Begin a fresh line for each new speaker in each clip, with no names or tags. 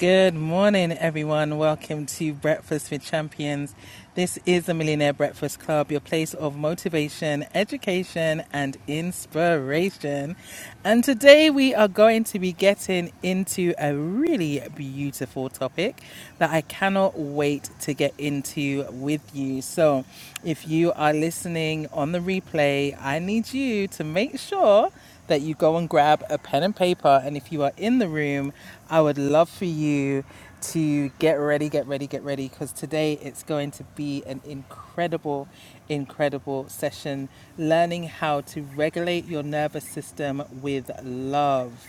Good morning, everyone. Welcome to Breakfast with Champions. This is the Millionaire Breakfast Club, your place of motivation, education, and inspiration. And today we are going to be getting into a really beautiful topic that I cannot wait to get into with you. So, if you are listening on the replay, I need you to make sure that you go and grab a pen and paper. And if you are in the room, I would love for you to get ready, get ready, get ready, because today it's going to be an incredible, incredible session learning how to regulate your nervous system with love.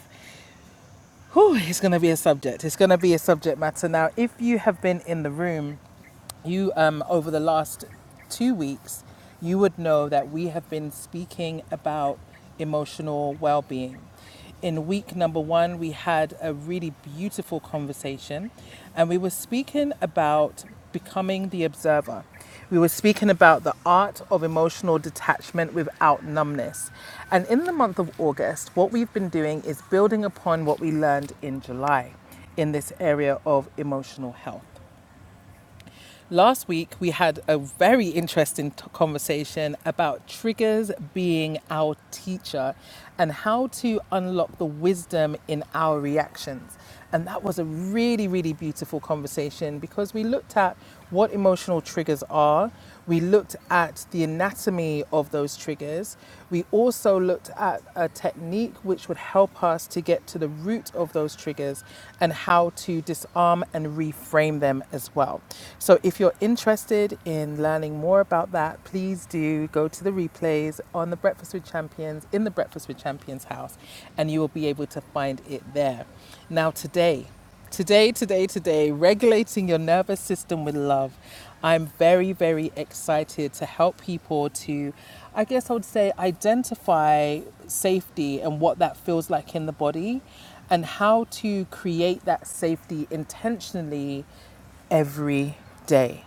Whew, it's going to be a subject. It's going to be a subject matter. Now, if you have been in the room, you um, over the last two weeks, you would know that we have been speaking about emotional well-being. In week number one, we had a really beautiful conversation, and we were speaking about becoming the observer. We were speaking about the art of emotional detachment without numbness. And in the month of August, what we've been doing is building upon what we learned in July in this area of emotional health. Last week, we had a very interesting t- conversation about triggers being our teacher and how to unlock the wisdom in our reactions. And that was a really, really beautiful conversation because we looked at what emotional triggers are, we looked at the anatomy of those triggers. We also looked at a technique which would help us to get to the root of those triggers and how to disarm and reframe them as well. So, if you're interested in learning more about that, please do go to the replays on the Breakfast with Champions in the Breakfast with Champions house, and you will be able to find it there. Now, today, Today, today, today, regulating your nervous system with love. I'm very, very excited to help people to, I guess I would say, identify safety and what that feels like in the body and how to create that safety intentionally every day.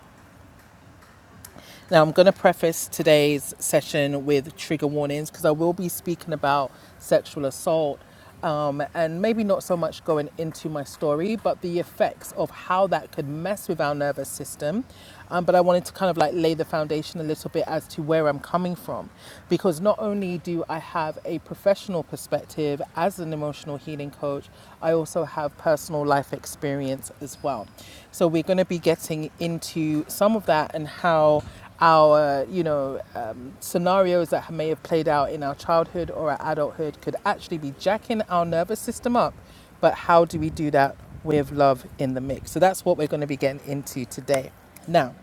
Now, I'm going to preface today's session with trigger warnings because I will be speaking about sexual assault um, and maybe not so much going into my story, but the effects of how that could mess with our nervous system. Um, but I wanted to kind of like lay the foundation a little bit as to where I'm coming from because not only do I have a professional perspective as an emotional healing coach, I also have personal life experience as well. So we're going to be getting into some of that and how our you know um, scenarios that may have played out in our childhood or our adulthood could actually be jacking our nervous system up but how do we do that with love in the mix so that's what we're going to be getting into today now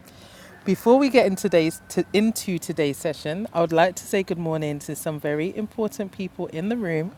before we get in today's to, into today's session, I would like to say good morning to some very important people in the room.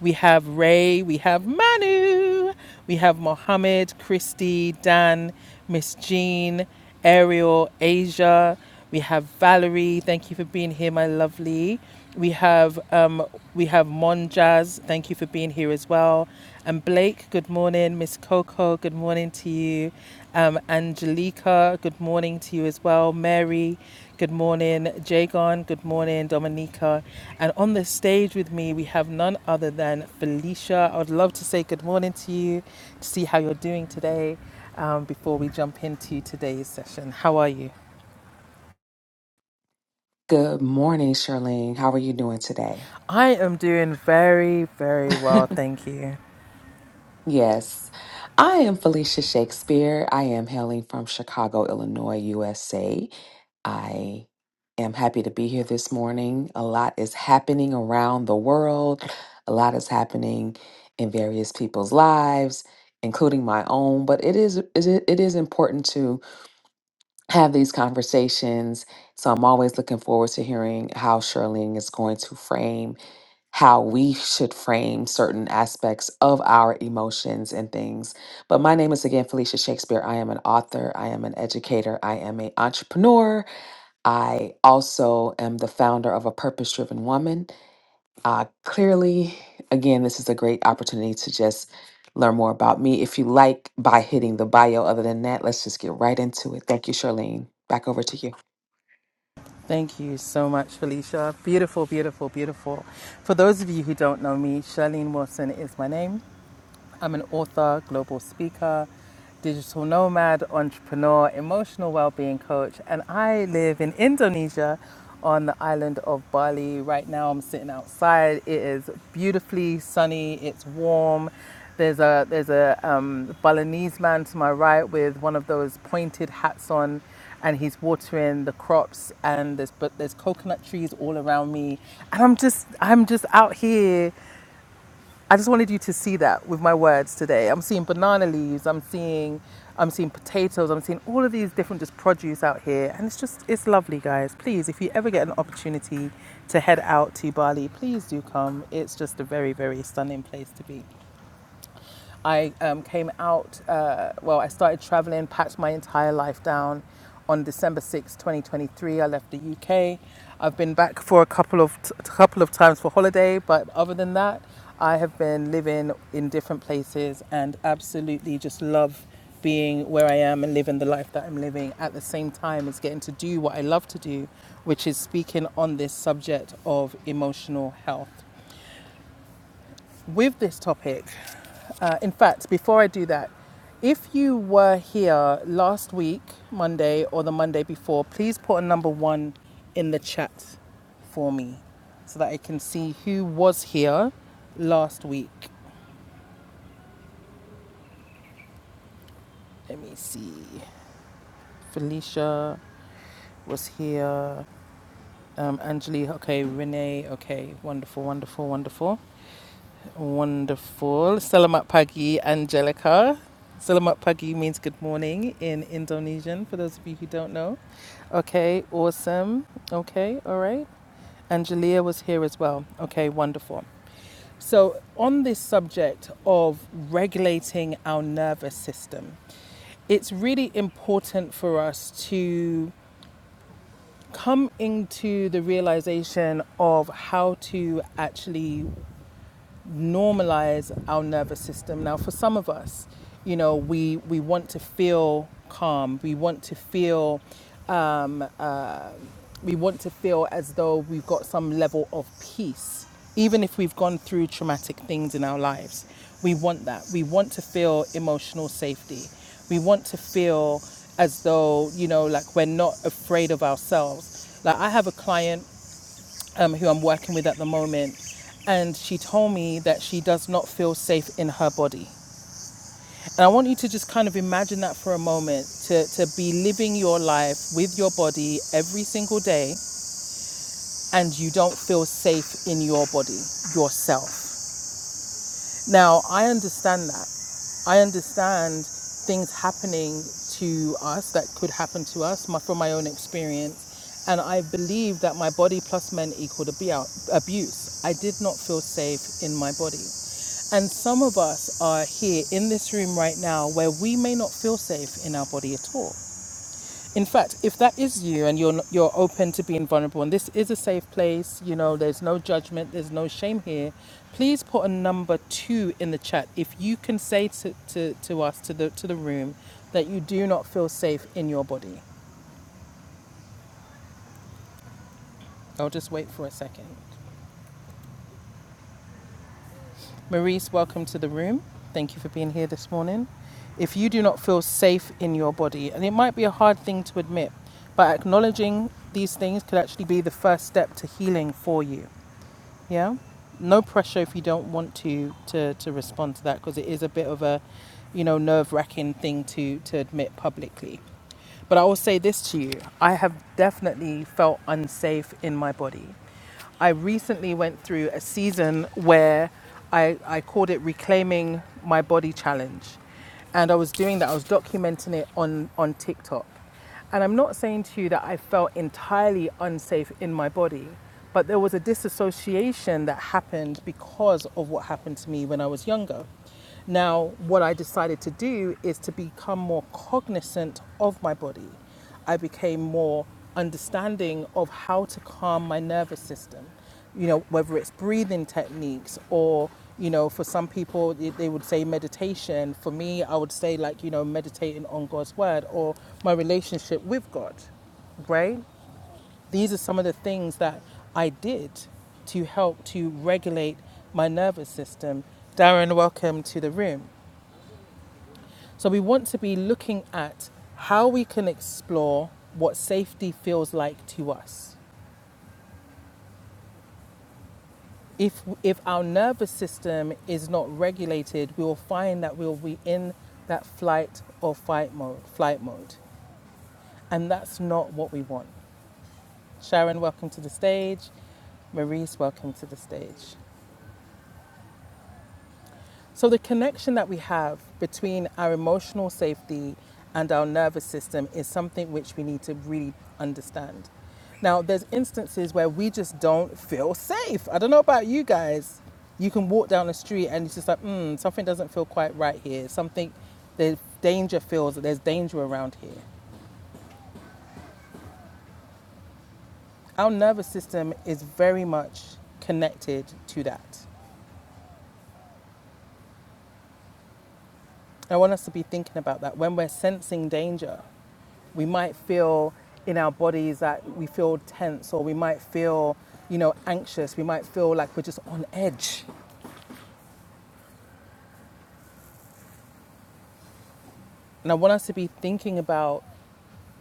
We have Ray, we have Manu, we have Mohammed, Christy, Dan, Miss Jean, Ariel, Asia. We have Valerie. Thank you for being here, my lovely. We have um, we have Monjaz. Thank you for being here as well. And Blake, good morning. Miss Coco, good morning to you. Um, Angelica, good morning to you as well. Mary, good morning. Jagon, good morning. Dominica. And on the stage with me, we have none other than Felicia. I would love to say good morning to you to see how you're doing today um, before we jump into today's session. How are you?
Good morning, Charlene. How are you doing today?
I am doing very, very well, thank you.
yes, I am Felicia Shakespeare. I am hailing from Chicago, Illinois, USA. I am happy to be here this morning. A lot is happening around the world, a lot is happening in various people's lives. Including my own, but it is is it it is important to have these conversations. So I'm always looking forward to hearing how Charlene is going to frame how we should frame certain aspects of our emotions and things. But my name is again Felicia Shakespeare. I am an author, I am an educator, I am an entrepreneur. I also am the founder of a purpose driven woman. Uh, clearly, again, this is a great opportunity to just learn more about me if you like by hitting the bio. Other than that, let's just get right into it. Thank you, Charlene. Back over to you.
Thank you so much, Felicia. Beautiful, beautiful, beautiful. For those of you who don't know me, Charlene Wilson is my name. I'm an author, global speaker, digital nomad, entrepreneur, emotional well-being coach, and I live in Indonesia on the island of Bali. Right now I'm sitting outside. It is beautifully sunny, it's warm. There's a there's a um, Balinese man to my right with one of those pointed hats on and he's watering the crops and there's but there's coconut trees all around me and i'm just i'm just out here I just wanted you to see that with my words today. I'm seeing banana leaves, I'm seeing I'm seeing potatoes, I'm seeing all of these different just produce out here and it's just it's lovely guys. Please if you ever get an opportunity to head out to Bali, please do come. It's just a very very stunning place to be. I um, came out, uh, well, I started traveling, packed my entire life down on December 6, 2023. I left the UK. I've been back for a couple of, t- couple of times for holiday, but other than that, I have been living in different places and absolutely just love being where I am and living the life that I'm living at the same time is getting to do what I love to do, which is speaking on this subject of emotional health with this topic. Uh, in fact, before I do that, if you were here last week, Monday or the Monday before, please put a number one in the chat for me so that I can see who was here last week. Let me see. Felicia was here. Um, Angelique, okay. Renee, okay. Wonderful, wonderful, wonderful. Wonderful. Selamat pagi, Angelica. Selamat pagi means good morning in Indonesian, for those of you who don't know. Okay, awesome. Okay, all right. Angelia was here as well. Okay, wonderful. So, on this subject of regulating our nervous system, it's really important for us to come into the realization of how to actually normalize our nervous system. Now, for some of us, you know, we, we want to feel calm. We want to feel, um, uh, we want to feel as though we've got some level of peace, even if we've gone through traumatic things in our lives. We want that. We want to feel emotional safety. We want to feel as though, you know, like we're not afraid of ourselves. Like I have a client um, who I'm working with at the moment, and she told me that she does not feel safe in her body. And I want you to just kind of imagine that for a moment to, to be living your life with your body every single day, and you don't feel safe in your body, yourself. Now, I understand that. I understand things happening to us that could happen to us my, from my own experience. And I believe that my body plus men equaled abu- abuse. I did not feel safe in my body. And some of us are here in this room right now where we may not feel safe in our body at all. In fact, if that is you and you're you're open to being vulnerable, and this is a safe place, you know, there's no judgment, there's no shame here. Please put a number two in the chat if you can say to, to, to us to the to the room that you do not feel safe in your body. I'll just wait for a second. Maurice, welcome to the room. Thank you for being here this morning. If you do not feel safe in your body, and it might be a hard thing to admit, but acknowledging these things could actually be the first step to healing for you. yeah no pressure if you don't want to to to respond to that because it is a bit of a you know nerve-wracking thing to to admit publicly but i will say this to you i have definitely felt unsafe in my body i recently went through a season where i i called it reclaiming my body challenge and i was doing that i was documenting it on on tiktok and I'm not saying to you that I felt entirely unsafe in my body, but there was a disassociation that happened because of what happened to me when I was younger. Now, what I decided to do is to become more cognizant of my body. I became more understanding of how to calm my nervous system. You know, whether it's breathing techniques or, you know, for some people they would say meditation. For me, I would say like, you know, meditating on God's word or my relationship with God, right? These are some of the things that I did to help to regulate my nervous system. Darren, welcome to the room. So we want to be looking at how we can explore what safety feels like to us. If, if our nervous system is not regulated, we will find that we will be in that flight or fight mode, flight mode. And that's not what we want. Sharon, welcome to the stage. Maurice, welcome to the stage. So, the connection that we have between our emotional safety and our nervous system is something which we need to really understand. Now, there's instances where we just don't feel safe. I don't know about you guys. You can walk down the street and it's just like, hmm, something doesn't feel quite right here. Something, the danger feels that there's danger around here. Our nervous system is very much connected to that. I want us to be thinking about that. When we're sensing danger, we might feel in our bodies that we feel tense or we might feel, you know, anxious. We might feel like we're just on edge. And I want us to be thinking about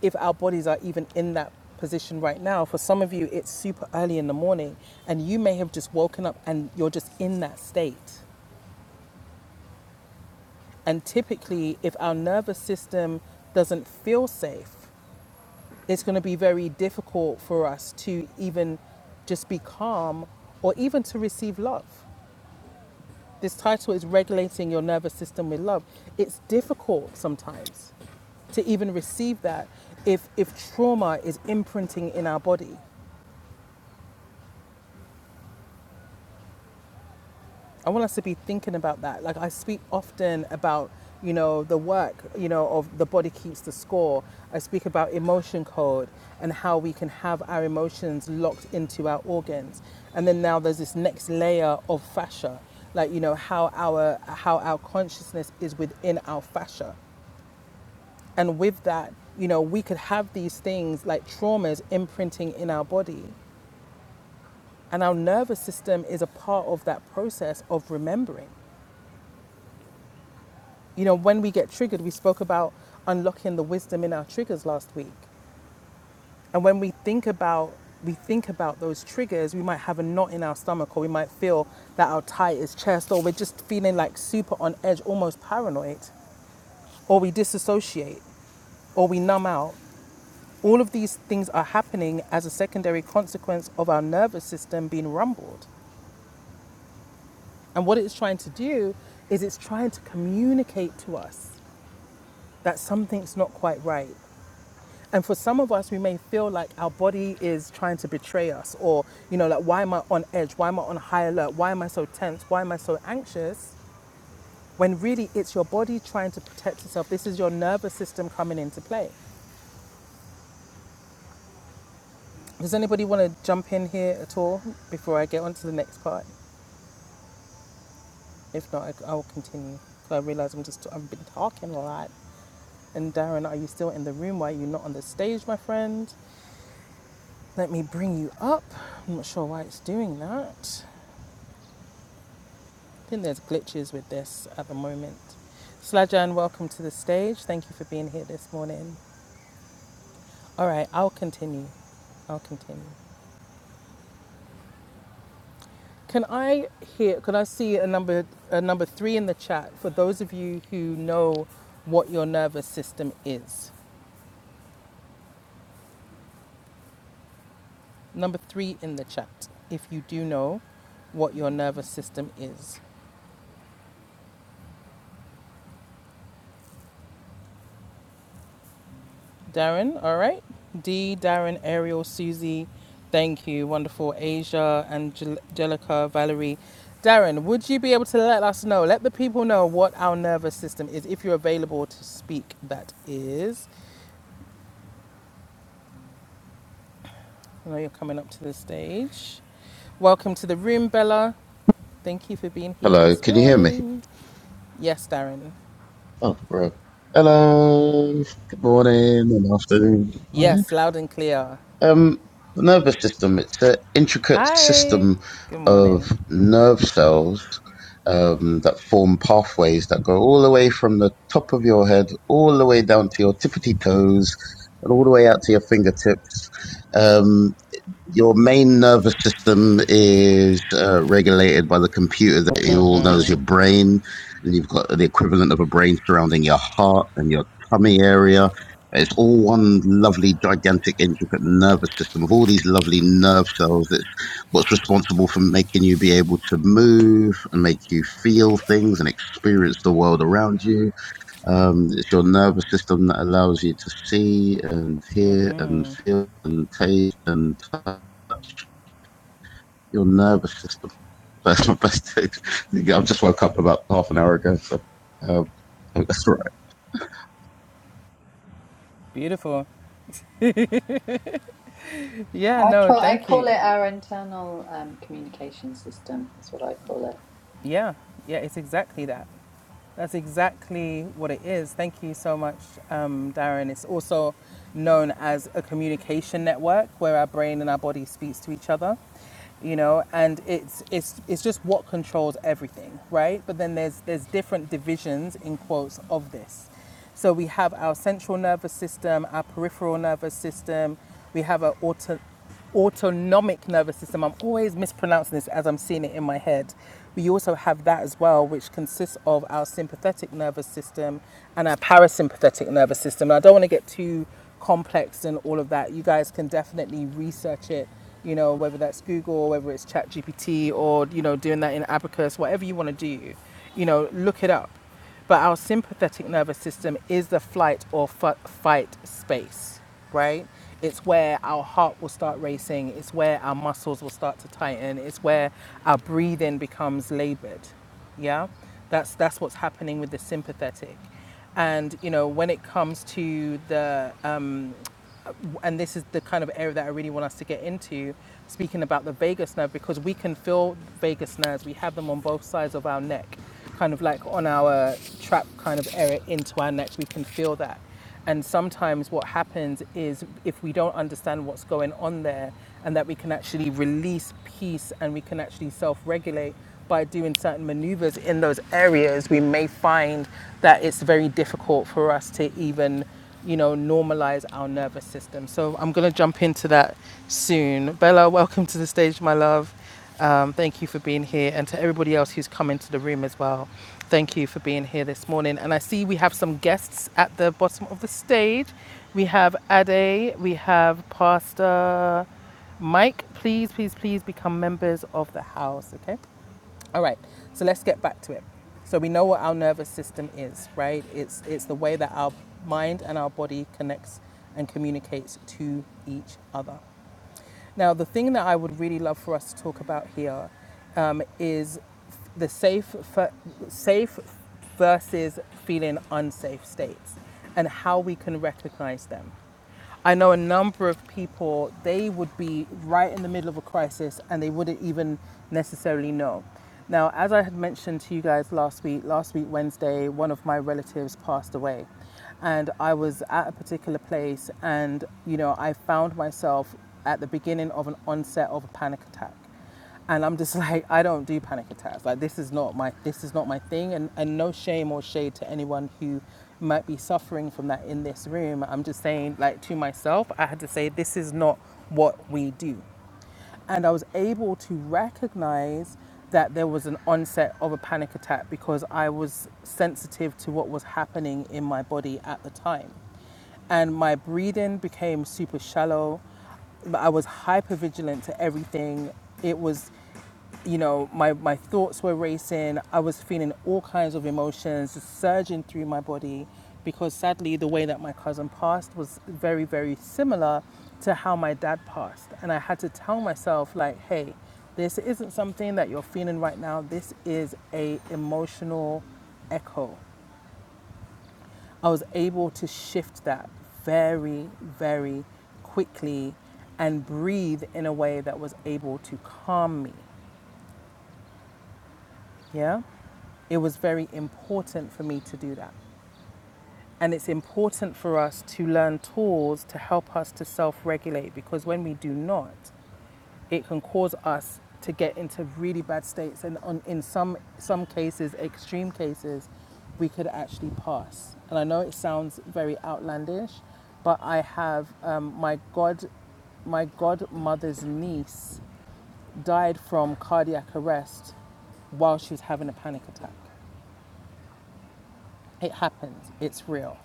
if our bodies are even in that position right now. For some of you, it's super early in the morning and you may have just woken up and you're just in that state. And typically, if our nervous system doesn't feel safe, it's going to be very difficult for us to even just be calm or even to receive love. This title is Regulating Your Nervous System with Love. It's difficult sometimes to even receive that if, if trauma is imprinting in our body. I want us to be thinking about that. Like I speak often about, you know, the work, you know, of the body keeps the score. I speak about emotion code and how we can have our emotions locked into our organs. And then now there's this next layer of fascia, like you know how our how our consciousness is within our fascia. And with that, you know, we could have these things like traumas imprinting in our body. And our nervous system is a part of that process of remembering. You know, when we get triggered, we spoke about unlocking the wisdom in our triggers last week. And when we think about we think about those triggers, we might have a knot in our stomach or we might feel that our tight is chest or we're just feeling like super on edge, almost paranoid, or we disassociate or we numb out. All of these things are happening as a secondary consequence of our nervous system being rumbled. And what it's trying to do is it's trying to communicate to us that something's not quite right. And for some of us, we may feel like our body is trying to betray us, or, you know, like, why am I on edge? Why am I on high alert? Why am I so tense? Why am I so anxious? When really it's your body trying to protect itself. This is your nervous system coming into play. Does anybody want to jump in here at all before I get on to the next part? If not, I, I'll continue. continue. I realize I'm just, I've been talking a lot. And Darren, are you still in the room? Why are you not on the stage, my friend? Let me bring you up. I'm not sure why it's doing that. I think there's glitches with this at the moment. Slajan, welcome to the stage. Thank you for being here this morning. All right, I'll continue. I'll continue. Can I hear? Can I see a number a number three in the chat for those of you who know what your nervous system is? Number three in the chat, if you do know what your nervous system is. Darren, all right. D, Darren, Ariel, Susie, thank you. Wonderful. Asia, Angel- Angelica, Valerie. Darren, would you be able to let us know, let the people know what our nervous system is if you're available to speak? That is. I know you're coming up to the stage. Welcome to the room, Bella. Thank you for being here
Hello,
this
can you hear me?
morning. Yes, Darren.
Oh, bro. Hello. Good morning and afternoon. Hi.
Yes, loud and clear.
Um, the nervous system, it's an intricate
Hi.
system
Good
of
morning.
nerve cells um, that form pathways that go all the way from the top of your head, all the way down to your tippity toes, and all the way out to your fingertips. Um, your main nervous system is uh, regulated by the computer that you all know as your brain, and you've got the equivalent of a brain surrounding your heart and your tummy area. It's all one lovely, gigantic, intricate nervous system of all these lovely nerve cells. That's what's responsible for making you be able to move and make you feel things and experience the world around you. Um, it's your nervous system that allows you to see and hear and feel and taste and touch your nervous system. That's my best tip. I just woke up about half an hour ago, so um, that's all right.
Beautiful. Yeah,
I
no,
call, I
thank
call
you.
it our internal um, communication system, is what I call it.
Yeah, yeah, it's exactly that. That's exactly what it is. Thank you so much, um, Darren. It's also known as a communication network where our brain and our body speaks to each other, you know, and it's it's it's just what controls everything, right? But then there's there's different divisions in quotes of this. So we have our central nervous system, our peripheral nervous system, we have an auto, autonomic nervous system. I'm always mispronouncing this as I'm seeing it in my head. We also have that as well, which consists of our sympathetic nervous system and our parasympathetic nervous system. And I don't want to get too complex and all of that. You guys can definitely research it, you know, whether that's Google or whether it's ChatGPT or, you know, doing that in Abacus, whatever you want to do, you know, look it up but our sympathetic nervous system is the flight or f- fight space, right? It's where our heart will start racing, it's where our muscles will start to tighten, it's where our breathing becomes labored. Yeah? That's that's what's happening with the sympathetic. And you know, when it comes to the um, and this is the kind of area that I really want us to get into, speaking about the vagus nerve, because we can feel vagus nerves. We have them on both sides of our neck, kind of like on our trap kind of area into our neck. We can feel that. And sometimes what happens is if we don't understand what's going on there and that we can actually release peace and we can actually self regulate by doing certain maneuvers in those areas, we may find that it's very difficult for us to even you know, normalize our nervous system. So I'm going to jump into that soon. Bella, welcome to the stage, my love. Um, thank you for being here. And to everybody else who's come into the room as well, thank you for being here this morning. And I see we have some guests at the bottom of the stage. We have Ade, we have Pastor Mike. Please, please, please become members of the house, okay? All right, so let's get back to it. So we know what our nervous system is, right? It's it's the way that our mind and our body connects and communicates to each other. Now, the thing that I would really love for us to talk about here um, is the safe, safe versus feeling unsafe states and how we can recognize them. I know a number of people, they would be right in the middle of a crisis and they wouldn't even necessarily know. Now, as I had mentioned to you guys last week, last week, Wednesday, one of my relatives passed away and I was at a particular place, and you know, I found myself at the beginning of an onset of a panic attack, and I'm just like, I don't do panic attacks. Like this is not my this is not my thing, and and no shame or shade to anyone who might be suffering from that in this room. I'm just saying, like to myself, I had to say this is not what we do and I was able to recognize that there was an onset of a panic attack because I was sensitive to what was happening in my body at the time. And my breathing became super shallow. I was hyper vigilant to everything. It was you know, my, my thoughts were racing. I was feeling all kinds of emotions surging through my body because sadly, the way that my cousin passed was very, very similar to how my dad passed. And I had to tell myself, like, hey, this isn't something that you're feeling right now. This is a emotional echo. I was able to shift that very, very quickly and breathe in a way that was able to calm me. Yeah? It was very important for me to do that. And it's important for us to learn tools to help us to self regulate because when we do not, it can cause us to get into really bad states and on, in some some cases extreme cases we could actually pass and i know it sounds very outlandish but i have um, my god my godmother's niece died from cardiac arrest while she was having a panic attack it happens it's real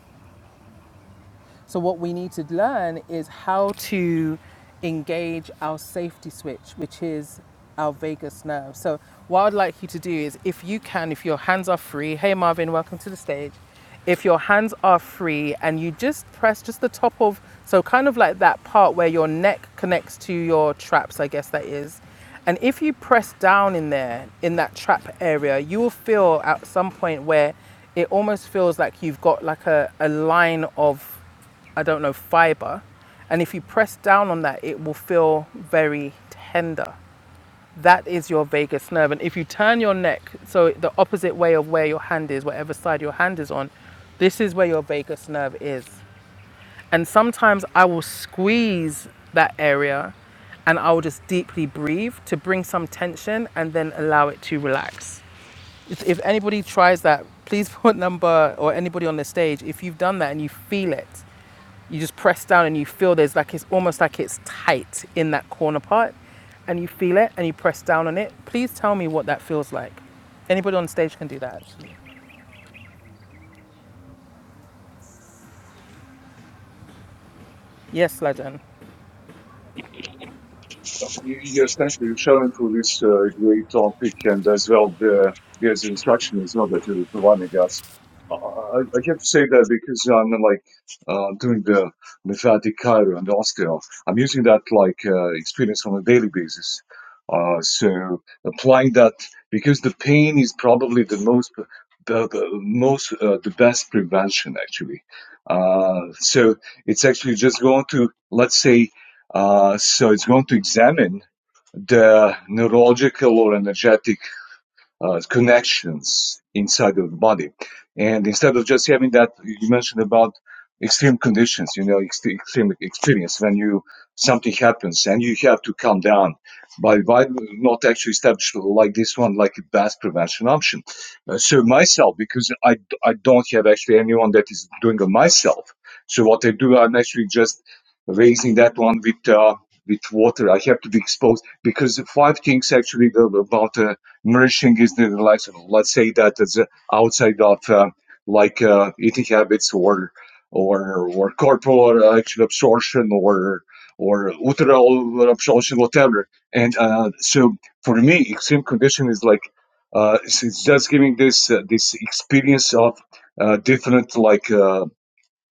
So, what we need to learn is how to engage our safety switch, which is our vagus nerve. So, what I'd like you to do is, if you can, if your hands are free, hey Marvin, welcome to the stage. If your hands are free and you just press just the top of, so kind of like that part where your neck connects to your traps, I guess that is. And if you press down in there, in that trap area, you will feel at some point where it almost feels like you've got like a, a line of I don't know, fiber. And if you press down on that, it will feel very tender. That is your vagus nerve. And if you turn your neck, so the opposite way of where your hand is, whatever side your hand is on, this is where your vagus nerve is. And sometimes I will squeeze that area and I will just deeply breathe to bring some tension and then allow it to relax. If, anybody tries that, please put number or anybody on the stage. If you've done that and you feel it, you just press down and you feel there's like it's almost like it's tight in that corner part, and you feel it and you press down on it. Please tell me what that feels like. Anybody on stage can do that. Actually. Yes, Lajan.
Yes, thank you essentially shall this uh, great topic, and as well, the, there's instruction as well that you're providing us. I, I I have to say that because I'm like uh, doing the lymphatic chiro and osteo. I'm using that like uh, experience on a daily basis. Uh, so applying that because the pain is probably the most the, the most uh, the best prevention actually. Uh, so it's actually just going to let's say uh, so it's going to examine the neurological or energetic uh, connections inside of the body. And instead of just having that, you mentioned about extreme conditions, you know, ext- extreme experience when you something happens and you have to calm down. By by not actually establish like this one, like a advanced prevention option. Uh, so myself, because I I don't have actually anyone that is doing it myself. So what I do, I'm actually just raising that one with. Uh, with water, I have to be exposed because the five things actually about uh, nourishing is the like let's say that it's uh, outside of uh, like uh, eating habits or or or corporal uh, action absorption or or uteral absorption whatever and uh, so for me extreme condition is like uh, it's, it's just giving this uh, this experience of uh, different like uh,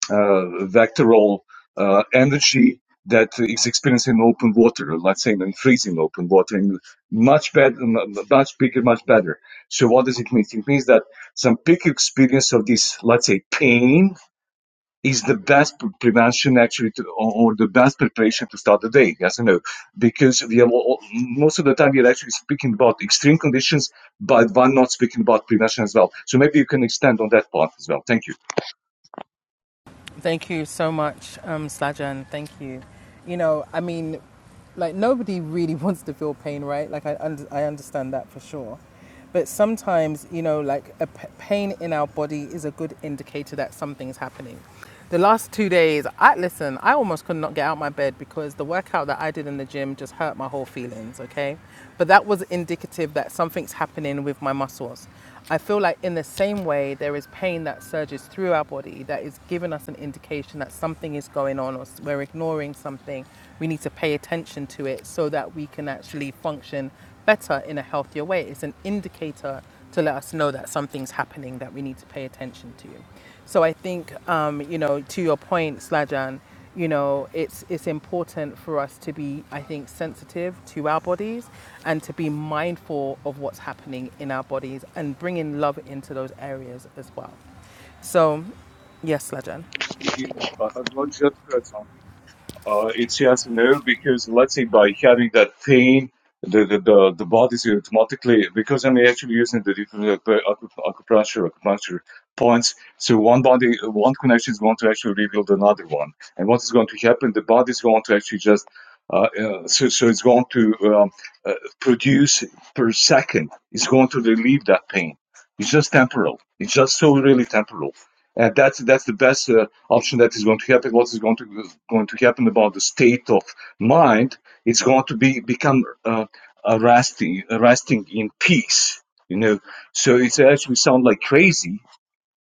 uh, vectoral uh, energy that is experienced in open water, let's say in freezing open water, in much better, much bigger, much better. So what does it mean? It means that some peak experience of this, let's say, pain is the best prevention actually to, or or the best preparation to start the day. Yes or no? Because we have all, most of the time we are actually speaking about extreme conditions, but one not speaking about prevention as well. So maybe you can extend on that part as well. Thank you.
Thank you so much, um, Sajan. Thank you. You know, I mean, like nobody really wants to feel pain, right? Like I, under, I understand that for sure. But sometimes, you know, like a p- pain in our body is a good indicator that something's happening. The last two days, I listen. I almost could not get out of my bed because the workout that I did in the gym just hurt my whole feelings. Okay, but that was indicative that something's happening with my muscles. I feel like, in the same way, there is pain that surges through our body that is giving us an indication that something is going on or we're ignoring something. We need to pay attention to it so that we can actually function better in a healthier way. It's an indicator to let us know that something's happening that we need to pay attention to. So I think, um, you know, to your point, Slajan, you know, it's it's important for us to be, I think, sensitive to our bodies and to be mindful of what's happening in our bodies and bringing love into those areas as well. So, yes, Slajan.
you uh, not just uh, talking. Uh, it's yes and no because let's say by having that pain, the the the, the body is automatically because I'm actually using the different acu- acu- acupuncture acupuncture points. So one body, one connection is going to actually rebuild another one, and what is going to happen? The body is going to actually just uh, uh, so so it's going to um, uh, produce per second. It's going to relieve that pain. It's just temporal. It's just so really temporal and that's that's the best uh, option that is going to happen. What is going to going to happen about the state of mind? It's going to be become uh, a resting, a resting in peace. You know, so it actually sound like crazy,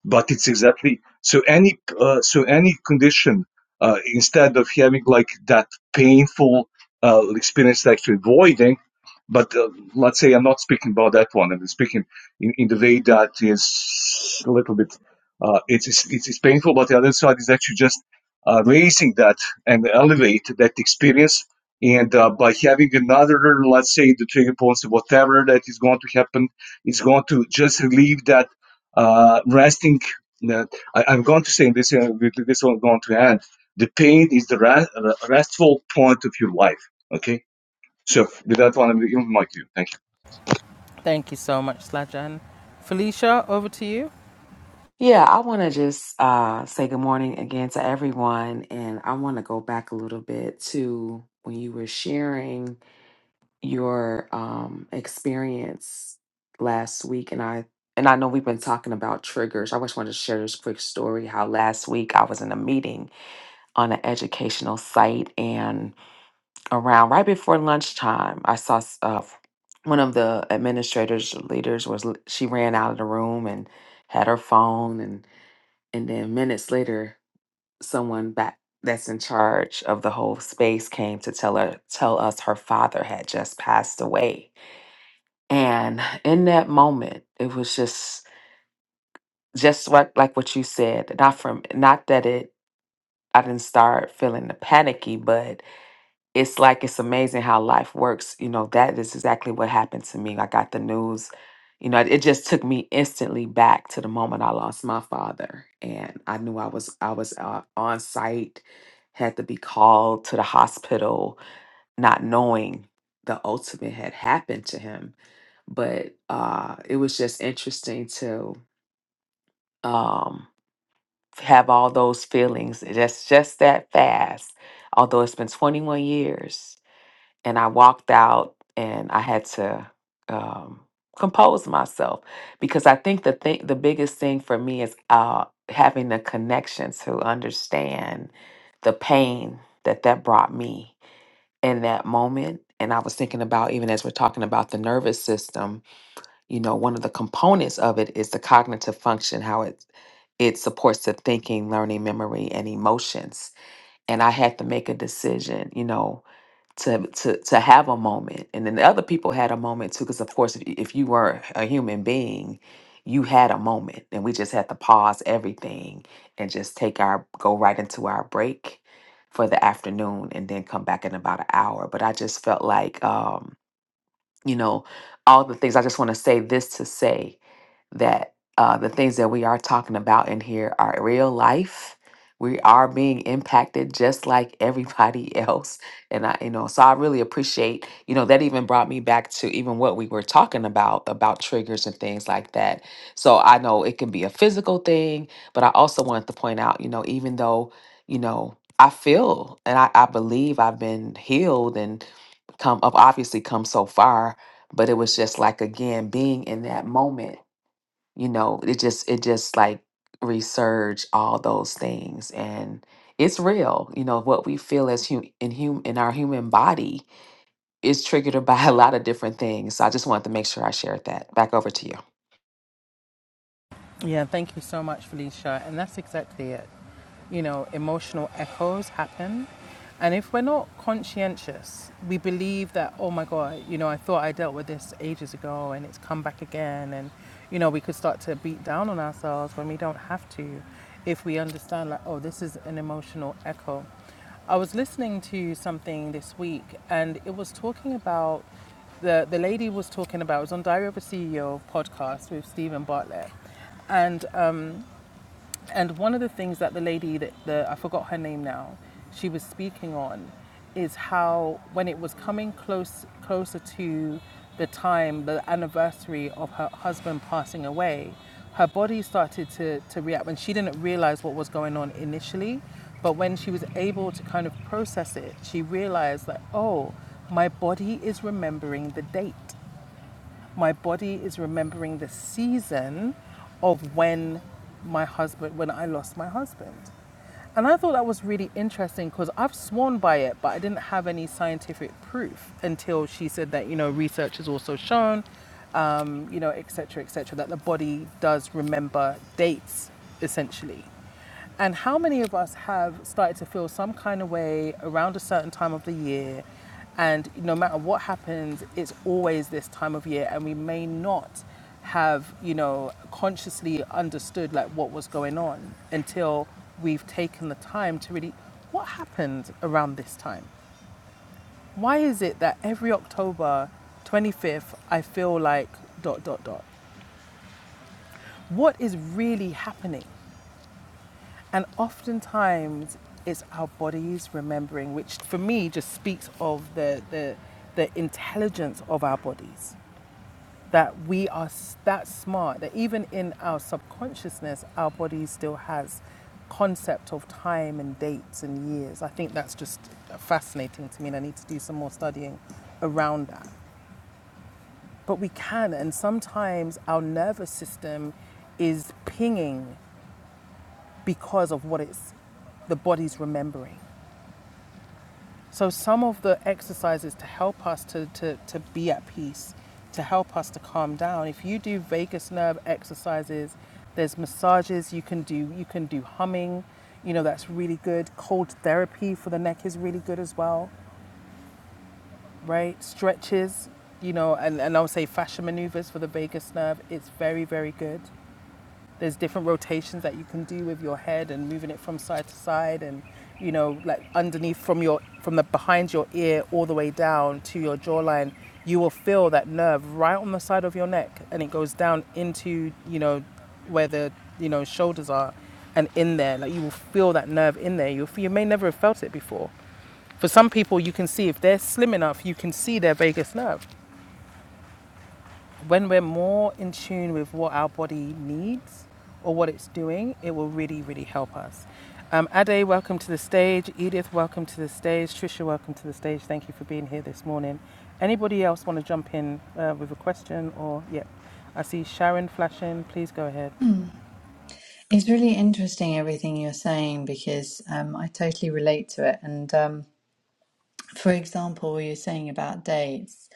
but it's exactly so any uh, so any condition uh, instead of having like that painful uh, experience that you're avoiding but uh, let's say i'm not speaking about that one i'm speaking in, in the way that is a little bit uh, it's, it's it's painful but the other side is actually just uh, raising that and elevate that experience and uh, by having another let's say the trigger points whatever that is going to happen is going to just relieve that uh, resting. Uh, I, I'm going to say this. Uh, with this one, I'm going to add the pain is the rest, restful point of your life. Okay. So with that one, I'm giving my cue. Thank you.
Thank you so much, Slajan. Felicia, over to you.
Yeah, I want to just uh, say good morning again to everyone. And I want to go back a little bit to when you were sharing your um, experience last week. And I and I know we've been talking about triggers. I just wanted to share this quick story how last week I was in a meeting on an educational site, and around right before lunchtime, I saw uh, one of the administrators, leaders, was she ran out of the room and had her phone and and then minutes later, someone back that's in charge of the whole space came to tell her tell us her father had just passed away. And in that moment, it was just just what like what you said, not from not that it I didn't start feeling the panicky, but it's like it's amazing how life works. You know, that is exactly what happened to me. I got the news. You know, it just took me instantly back to the moment I lost my father, and I knew I was I was uh, on site, had to be called to the hospital, not knowing the ultimate had happened to him. But uh, it was just interesting to um, have all those feelings. That's just that fast. Although it's been 21 years and I walked out and I had to um, compose myself because I think the thing, the biggest thing for me is uh, having the connection to understand the pain that that brought me in that moment. And I was thinking about even as we're talking about the nervous system, you know, one of the components of it is the cognitive function, how it it supports the thinking, learning, memory, and emotions. And I had to make a decision, you know, to to to have a moment and then the other people had a moment too because of course if, if you were a human being you had a moment and we just had to pause everything and just take our go right into our break for the afternoon and then come back in about an hour but i just felt like um you know all the things i just want to say this to say that uh, the things that we are talking about in here are real life. We are being impacted just like everybody else. And I, you know, so I really appreciate, you know, that even brought me back to even what we were talking about, about triggers and things like that. So I know it can be a physical thing, but I also wanted to point out, you know, even though, you know, I feel and I, I believe I've been healed and come, I've obviously come so far, but it was just like, again, being in that moment you know it just it just like resurge all those things and it's real you know what we feel as hum- in hum- in our human body is triggered by a lot of different things so i just wanted to make sure i shared that back over to you
Yeah, thank you so much, Felicia. And that's exactly it. You know, emotional echoes happen. And if we're not conscientious, we believe that, oh my God, you know, I thought I dealt with this ages ago and it's come back again. And, you know, we could start to beat down on ourselves when we don't have to if we understand, like, oh, this is an emotional echo. I was listening to something this week and it was talking about the, the lady was talking about, it was on Diary of a CEO podcast with Stephen Bartlett and um, and one of the things that the lady that the I forgot her name now, she was speaking on, is how when it was coming close closer to the time the anniversary of her husband passing away, her body started to to react when she didn't realize what was going on initially, but when she was able to kind of process it, she realized that oh, my body is remembering the date my body is remembering the season of when my husband when I lost my husband. And I thought that was really interesting because I've sworn by it, but I didn't have any scientific proof until she said that, you know, research has also shown, um, you know, et cetera, et cetera, that the body does remember dates essentially. And how many of us have started to feel some kind of way around a certain time of the year? And no matter what happens, it's always this time of year, and we may not have, you know, consciously understood like what was going on until we've taken the time to really what happened around this time? Why is it that every October 25th I feel like dot dot dot? What is really happening? And oftentimes it's our bodies remembering, which for me just speaks of the, the, the intelligence of our bodies. That we are that smart, that even in our subconsciousness, our body still has concept of time and dates and years. I think that's just fascinating to me, and I need to do some more studying around that. But we can, and sometimes our nervous system is pinging because of what it's the body's remembering. So, some of the exercises to help us to, to, to be at peace, to help us to calm down, if you do vagus nerve exercises, there's massages you can do, you can do humming, you know, that's really good. Cold therapy for the neck is really good as well, right? Stretches, you know, and, and I would say fascia maneuvers for the vagus nerve, it's very, very good. There's different rotations that you can do with your head and moving it from side to side and you know like underneath from your from the behind your ear all the way down to your jawline you will feel that nerve right on the side of your neck and it goes down into you know where the you know shoulders are and in there like you will feel that nerve in there you you may never have felt it before for some people you can see if they're slim enough you can see their vagus nerve when we're more in tune with what our body needs or what it's doing, it will really, really help us. Um, Ade, welcome to the stage. Edith, welcome to the stage. Trisha, welcome to the stage. Thank you for being here this morning. Anybody else want to jump in uh, with a question or, yeah, I see Sharon flashing. Please go ahead.
Hmm. It's really interesting everything you're saying because um, I totally relate to it. And um, for example, what you're saying about dates.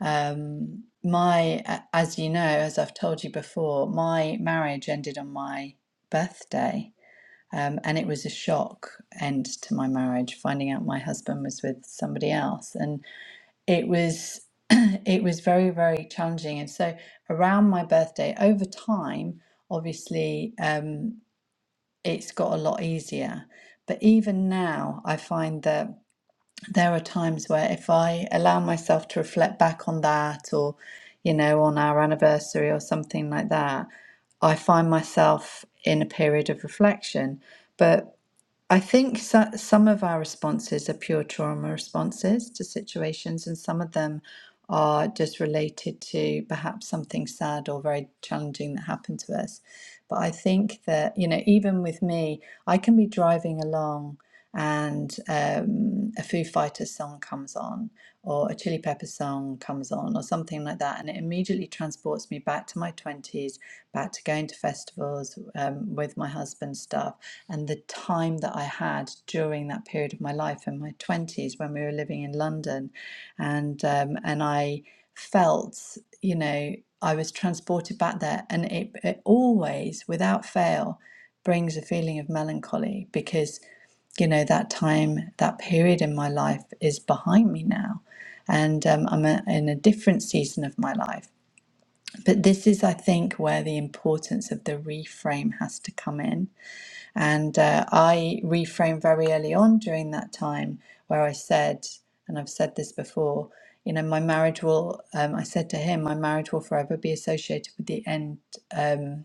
Um, my, a- as you know, as I've told you before, my marriage ended on my birthday. Um, and it was a shock end to my marriage, finding out my husband was with somebody else. and. it was it was very very challenging and so around my birthday over time obviously um it's got a lot easier but even now i find that there are times where if i allow myself to reflect back on that or you know on our anniversary or something like that i find myself in a period of reflection but I think so, some of our responses are pure trauma responses to situations, and some of them are just related to perhaps something sad or very challenging that happened to us. But I think that, you know, even with me, I can be driving along and um, a Foo Fighters song comes on, or a Chili Peppers song comes on, or something like that, and it immediately transports me back to my 20s, back to going to festivals um, with my husband stuff and the time that I had during that period of my life in my 20s when we were living in London and um, and I felt you know I was transported back there and it, it always without fail brings a feeling of melancholy because you know that time that period in my life is behind me now and um, I'm a, in a different season of my life but this is I think where the importance of the reframe has to come in and uh, I reframed very early on during that time where I said, and I've said this before, you know, my marriage will, um, I said to him, my marriage will forever be associated with the end, um,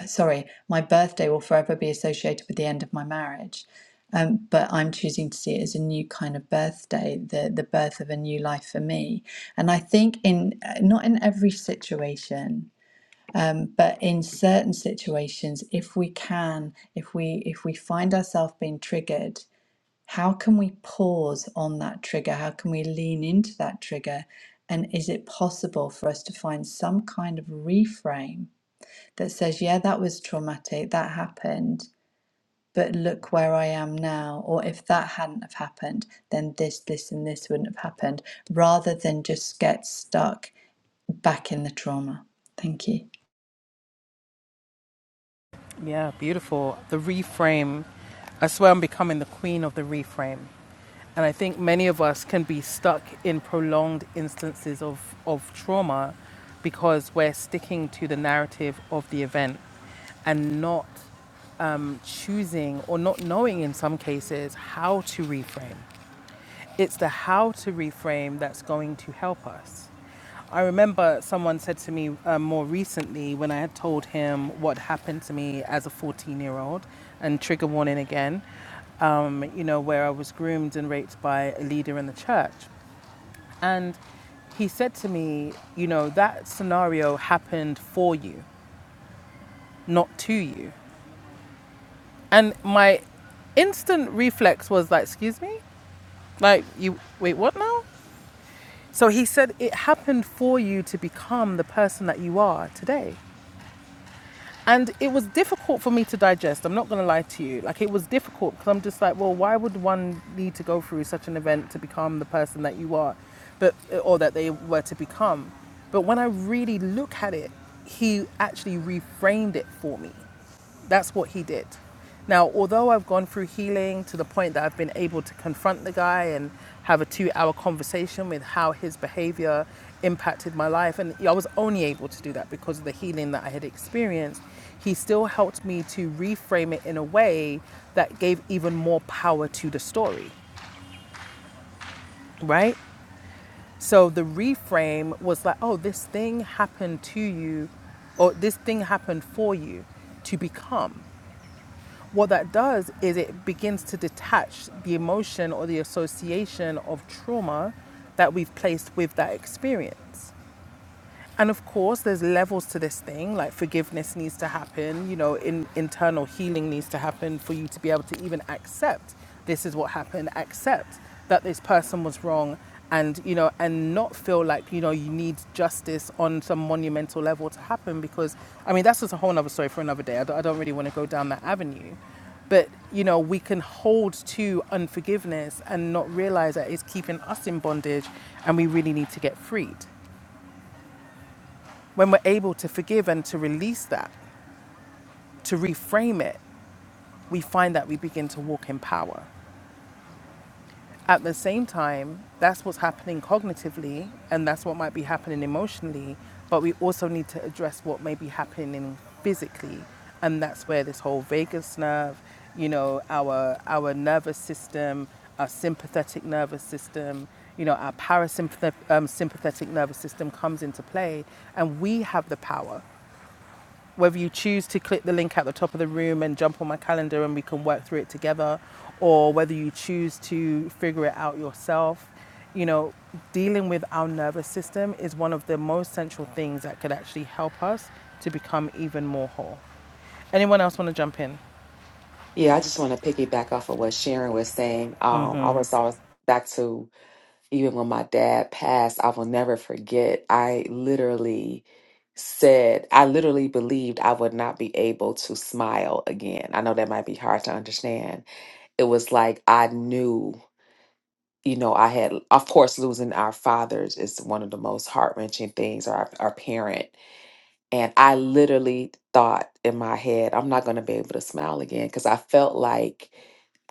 uh, sorry, my birthday will forever be associated with the end of my marriage. Um, but I'm choosing to see it as a new kind of birthday, the, the birth of a new life for me. And I think in uh, not in every situation, um, but in certain situations, if we can, if we if we find ourselves being triggered, how can we pause on that trigger? How can we lean into that trigger? And is it possible for us to find some kind of reframe that says, yeah, that was traumatic, that happened, but look where I am now, or if that hadn't have happened, then this, this, and this wouldn't have happened, rather than just get stuck back in the trauma. Thank you.
Yeah, beautiful. The reframe. I swear I'm becoming the queen of the reframe. And I think many of us can be stuck in prolonged instances of, of trauma because we're sticking to the narrative of the event and not um, choosing or not knowing in some cases how to reframe. It's the how to reframe that's going to help us. I remember someone said to me um, more recently when I had told him what happened to me as a 14 year old, and trigger warning again, um, you know, where I was groomed and raped by a leader in the church. And he said to me, you know, that scenario happened for you, not to you. And my instant reflex was like, excuse me? Like, you, wait, what now? So he said it happened for you to become the person that you are today. And it was difficult for me to digest. I'm not going to lie to you. Like, it was difficult because I'm just like, well, why would one need to go through such an event to become the person that you are but, or that they were to become? But when I really look at it, he actually reframed it for me. That's what he did. Now, although I've gone through healing to the point that I've been able to confront the guy and have a two hour conversation with how his behavior impacted my life, and I was only able to do that because of the healing that I had experienced, he still helped me to reframe it in a way that gave even more power to the story, right? So the reframe was like, oh, this thing happened to you, or this thing happened for you to become. what that does is it begins to detach the emotion or the association of trauma that we've placed with that experience. And of course, there's levels to this thing. Like forgiveness needs to happen, you know, in, internal healing needs to happen for you to be able to even accept this is what happened, accept that this person was wrong, and you know, and not feel like you know you need justice on some monumental level to happen. Because I mean, that's just a whole other story for another day. I don't, I don't really want to go down that avenue. But you know, we can hold to unforgiveness and not realize that it's keeping us in bondage, and we really need to get freed. When we're able to forgive and to release that, to reframe it, we find that we begin to walk in power. At the same time, that's what's happening cognitively and that's what might be happening emotionally, but we also need to address what may be happening physically. And that's where this whole vagus nerve, you know, our our nervous system, our sympathetic nervous system, you know, our parasympathetic um, sympathetic nervous system comes into play, and we have the power. Whether you choose to click the link at the top of the room and jump on my calendar and we can work through it together, or whether you choose to figure it out yourself, you know, dealing with our nervous system is one of the most central things that could actually help us to become even more whole. Anyone else want to jump in?
Yeah, I just want to piggyback off of what Sharon was saying. Um, I was always back to even when my dad passed, I will never forget. I literally said, I literally believed I would not be able to smile again. I know that might be hard to understand, it was like I knew, you know, I had, of course, losing our fathers is one of the most heart wrenching things, or our, our parent. And I literally thought in my head, I'm not going to be able to smile again because I felt like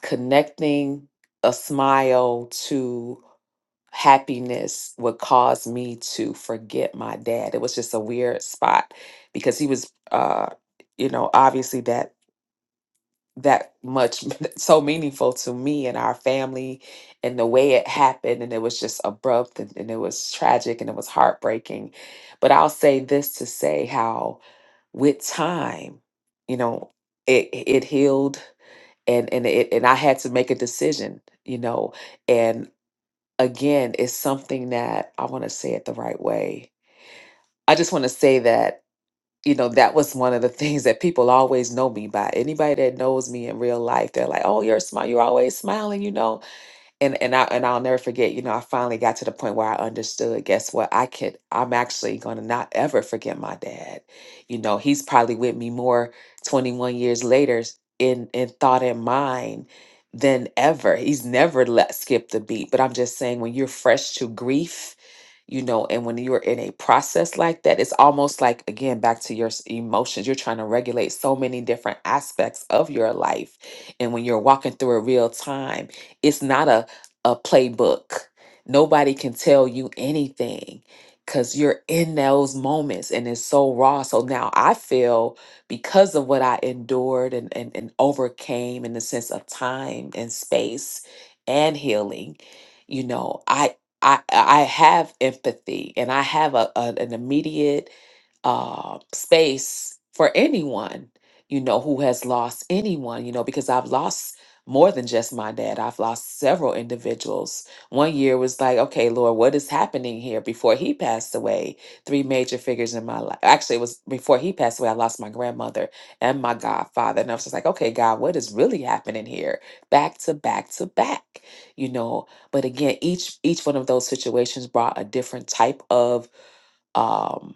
connecting a smile to happiness would cause me to forget my dad. It was just a weird spot because he was, uh, you know, obviously that that much so meaningful to me and our family and the way it happened and it was just abrupt and, and it was tragic and it was heartbreaking but i'll say this to say how with time you know it it healed and and it and i had to make a decision you know and again it's something that i want to say it the right way i just want to say that you know, that was one of the things that people always know me by. Anybody that knows me in real life, they're like, "Oh, you're smile. You're always smiling." You know, and and I and I'll never forget. You know, I finally got to the point where I understood. Guess what? I could. I'm actually gonna not ever forget my dad. You know, he's probably with me more 21 years later s- in in thought and mind than ever. He's never let skip the beat. But I'm just saying, when you're fresh to grief, you know, and when you're in a process like that, it's almost like again back to your s- emotions. You're trying to regulate so many different aspects of your life, and when you're walking through it real time it's not a a playbook. Nobody can tell you anything because you're in those moments and it's so raw. So now I feel because of what I endured and, and, and overcame in the sense of time and space and healing, you know, I I I have empathy and I have a, a an immediate uh, space for anyone, you know, who has lost anyone, you know, because I've lost more than just my dad. I've lost several individuals. One year was like, okay, Lord, what is happening here? Before he passed away, three major figures in my life. Actually, it was before he passed away, I lost my grandmother and my godfather. And I was just like, okay, God, what is really happening here? Back to back to back, you know. But again, each each one of those situations brought a different type of um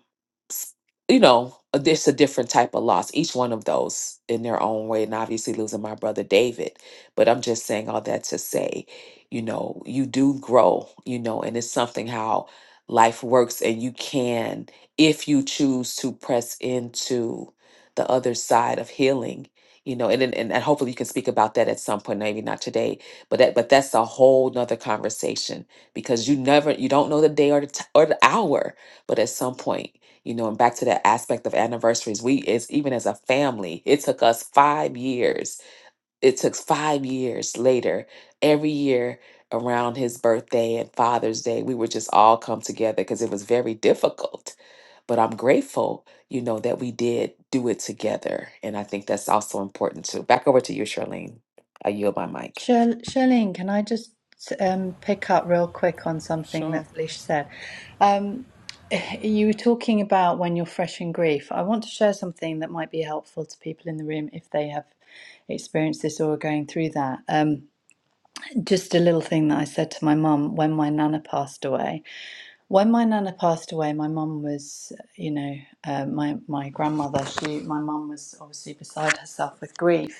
you know, uh, it's a different type of loss, each one of those in their own way. And obviously, losing my brother David. But I'm just saying all that to say, you know, you do grow, you know, and it's something how life works. And you can, if you choose to press into the other side of healing. You know, and, and and hopefully you can speak about that at some point, maybe not today, but that but that's a whole nother conversation because you never you don't know the day or the t- or the hour, but at some point you know and back to that aspect of anniversaries we as even as a family it took us five years it took five years later every year around his birthday and father's day we would just all come together because it was very difficult but i'm grateful you know that we did do it together and i think that's also important too back over to you charlene i yield my mic
Shir- Shirlene, can I just um, pick up real quick on something that Felicia said? Um, you were talking about when you're fresh in grief. I want to share something that might be helpful to people in the room if they have experienced this or are going through that. Um, just a little thing that I said to my mum when my nana passed away. When my nana passed away, my mum was, you know, uh, my my grandmother. She, my mum was obviously beside herself with grief.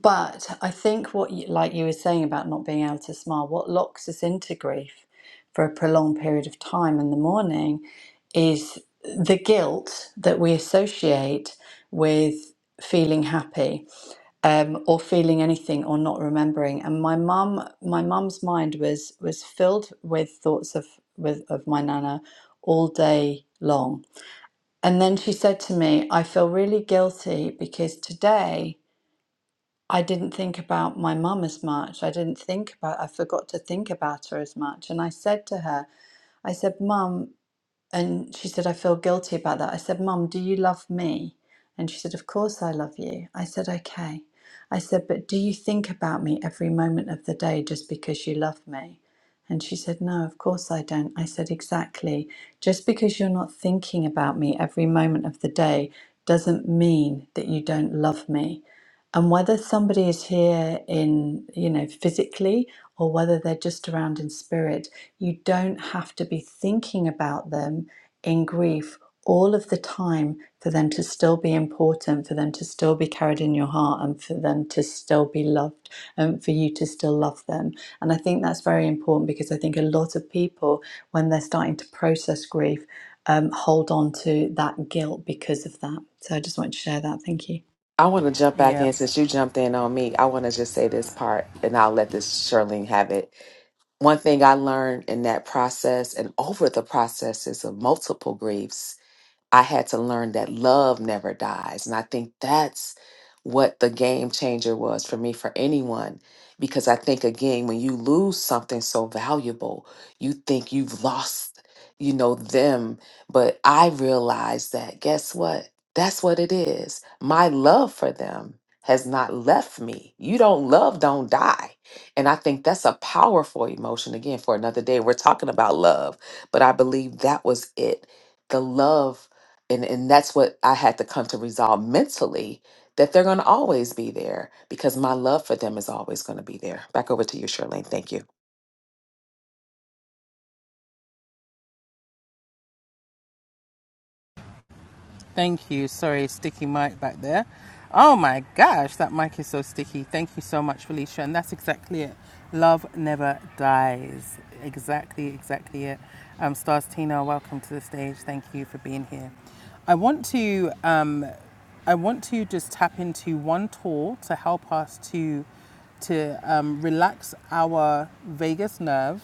But I think what, you, like you were saying about not being able to smile, what locks us into grief for a prolonged period of time in the morning is the guilt that we associate with feeling happy um, or feeling anything or not remembering. And my mum, my mum's mind was was filled with thoughts of with of my nana all day long. And then she said to me, "I feel really guilty because today." I didn't think about my mum as much. I didn't think about, I forgot to think about her as much. And I said to her, I said, Mum, and she said, I feel guilty about that. I said, Mum, do you love me? And she said, Of course I love you. I said, Okay. I said, But do you think about me every moment of the day just because you love me? And she said, No, of course I don't. I said, Exactly. Just because you're not thinking about me every moment of the day doesn't mean that you don't love me. And whether somebody is here in, you know, physically or whether they're just around in spirit, you don't have to be thinking about them in grief all of the time for them to still be important, for them to still be carried in your heart, and for them to still be loved, and for you to still love them. And I think that's very important because I think a lot of people, when they're starting to process grief, um, hold on to that guilt because of that. So I just want to share that. Thank you.
I want to jump back
Yeah.
in since you jumped in on me. I want to just say this part, and I'll let this Charlene have it one thing I learned in that process and over the processes of multiple griefs I had to learn that love never dies. And I think that's what the game changer was for me, for anyone. Because I think, again, when you lose something so valuable, you think you've lost, you know, them. But I realized that, guess what? That's what it is. My love for them has not left me. You don't love, don't die. And I think that's a powerful emotion. Again, for another day, we're talking about love, but I believe that was it the love and and that's what I had to come to resolve mentally that they're going to always be there because my love for them is always going to be there. Back over to you, Shirley. Thank you.
Thank you. Sorry, sticky mic back there. Oh my gosh, that mic is so sticky. Thank you so much, Felicia. And that's exactly it. Love never dies. Exactly, exactly it. Um, Stars Tina, welcome to the stage. Thank you for being here. I want to um, I want to just tap into one tool to help us to to um, relax our vagus nerve,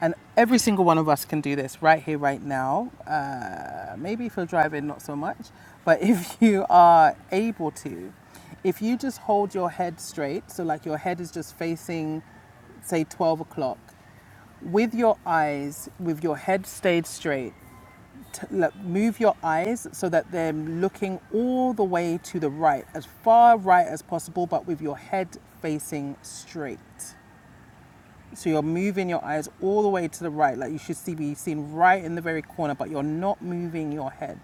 and every single one of us can do this right here, right now. Uh, maybe if you're driving, not so much, but if you are able to, if you just hold your head straight, so like your head is just facing, say, twelve o'clock, with your eyes, with your head stayed straight, t- look, move your eyes so that they're looking all the way to the right, as far right as possible, but with your head facing straight. So you're moving your eyes all the way to the right, like you should see be seen right in the very corner, but you're not moving your head.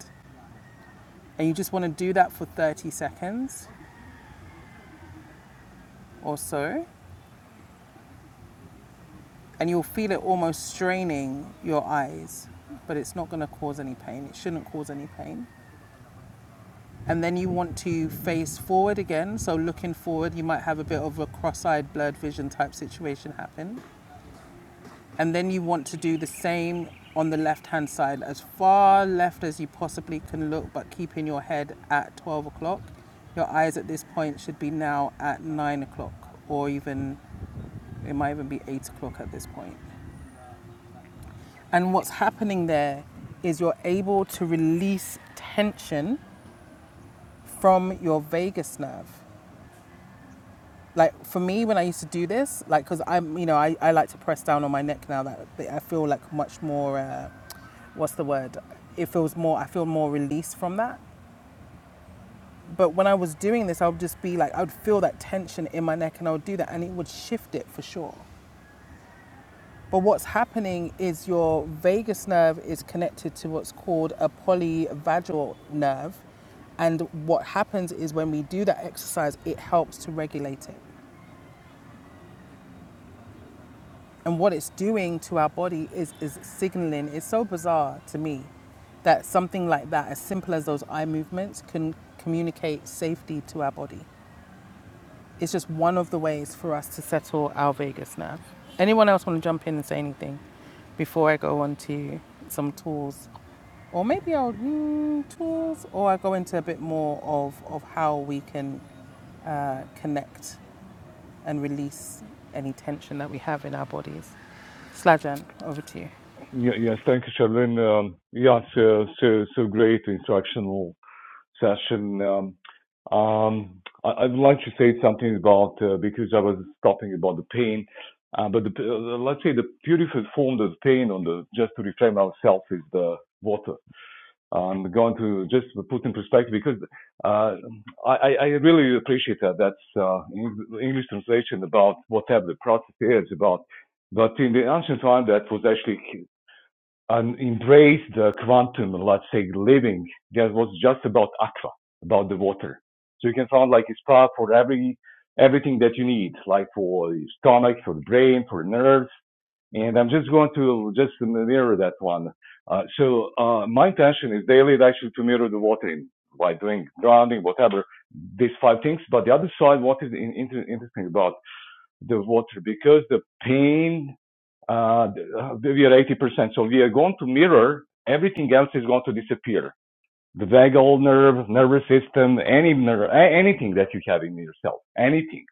And you just want to do that for 30 seconds or so, and you'll feel it almost straining your eyes, but it's not going to cause any pain. It shouldn't cause any pain. and then you want to face forward again. So looking forward, you might have a bit of a cross-eyed blurred vision type situation happen. And then you want to do the same on the left-hand side, as far left as you possibly can look, but keeping your head at 12 o'clock. Your eyes at this point should be now at 9 o'clock, or even it might even be 8 o'clock at this point. And what's happening there is you're able to release tension from your vagus nerve. like for me when i used to do this like because i'm you know I, I like to press down on my neck now that, i feel like much more uh, what's the word it feels more i feel more released from that but when i was doing this i would just be like i would feel that tension in my neck and i would do that and it would shift it for sure but what's happening is your vagus nerve is connected to what's called a polyvagal nerve and what happens is when we do that exercise it helps to regulate it And what it's doing to our body is, is signaling. It's so bizarre to me that something like that, as simple as those eye movements, can communicate safety to our body. It's just one of the ways for us to settle our vagus nerve. Anyone else want to jump in and say anything before I go on to some tools? Or maybe I'll mm, tools, or I go into a bit more of, of how we can uh, connect and release any tension that we have in our bodies. Slajan, over to you.
Yeah, yes, thank you, Charlene. Um, yeah, so, so, so great instructional session. Um, um, I, I would like to say something about, uh, because I was talking about the pain, uh, but the, uh, let's say the beautiful form of pain on the, just to reframe ourselves is the water. um, going to just put in perspective because uh, I, I really appreciate that. That's uh, English translation about whatever the process is about. But in the ancient time, that was actually an embrace the quantum, let's say, living. That was just about aqua, about the water. So you can find like a spa for every everything that you need, like for your stomach, for the brain, for nerves, and I'm just going to just mirror that one. Uh, so uh, my intention is daily actually to mirror the watering by doing grounding, whatever, these five things. But the other side, what is interesting about the water, because the pain, uh, uh, we are 80%. So we are going to mirror, everything else is going to disappear. The vagal nerve, nervous system, any nerve, anything that you have in yourself, anything.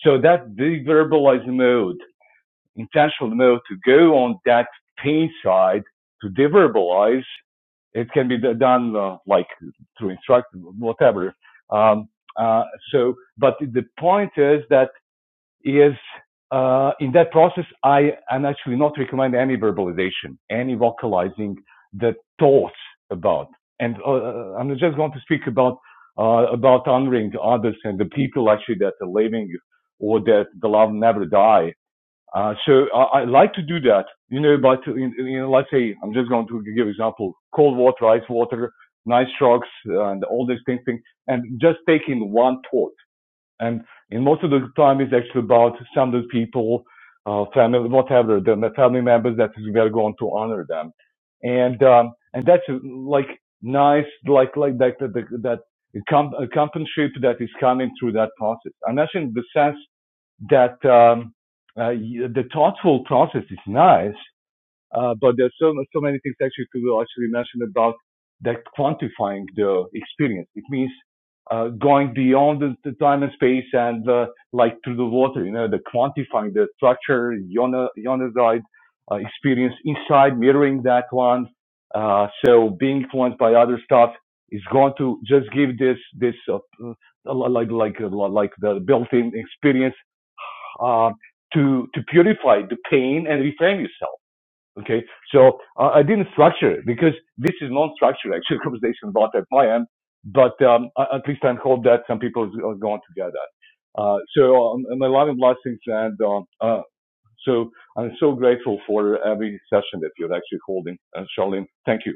So that deverbalized mode intentional mode to go on that pain side to deverbalize. It can be done uh, like through instruction, whatever. Um, uh, so, but the point is that is uh, in that process, I am actually not recommend any verbalization, any vocalizing the thoughts about. And uh, uh, I'm just going to speak about uh, about honoring others and the people actually that are living or that the love never die uh, so I, I like to do that, you know, but you know, let's say I'm just going to give example, cold water, ice water, nice trucks, and all these things, things, and just taking one thought. And in most of the time, it's actually about standard people, uh, family, whatever, the family members that we are going to honor them, and um, and that's uh, like nice, like like that that that that uh, companionship that is coming through that process. And that's in the sense that um, uh, the thoughtful process is nice, uh, but there's so so many things actually to actually mention about that quantifying the experience. It means uh, going beyond the, the time and space and uh, like through the water, you know, the quantifying the structure, yona, uh, experience inside, mirroring that one. Uh, so being influenced by other stuff is going to just give this this uh, uh, like like like like the built-in experience um, to to purify the pain and reframe yourself. Okay, so uh, I didn't structure it because this is non-structured actually conversation about at my end, but um, at least I hope that some people are going to get that. Uh, so um, my love and blessings, and um uh, so I'm so grateful for every session that you're actually holding, uh, Charlene. Thank you.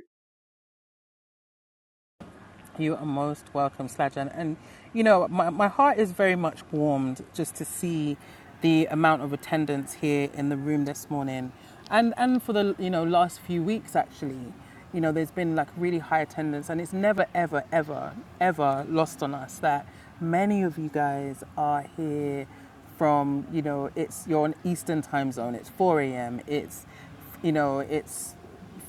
You are most welcome, Slajan. And, you know, my, my heart is very much warmed just to see the amount of attendance here in the room this morning. And, and for the, you know, last few weeks, actually, you know, there's been like really high attendance. And it's never, ever, ever, ever lost on us that many of you guys are here from, you know, it's, you're on Eastern time zone, it's 4 a.m., it's, you know, it's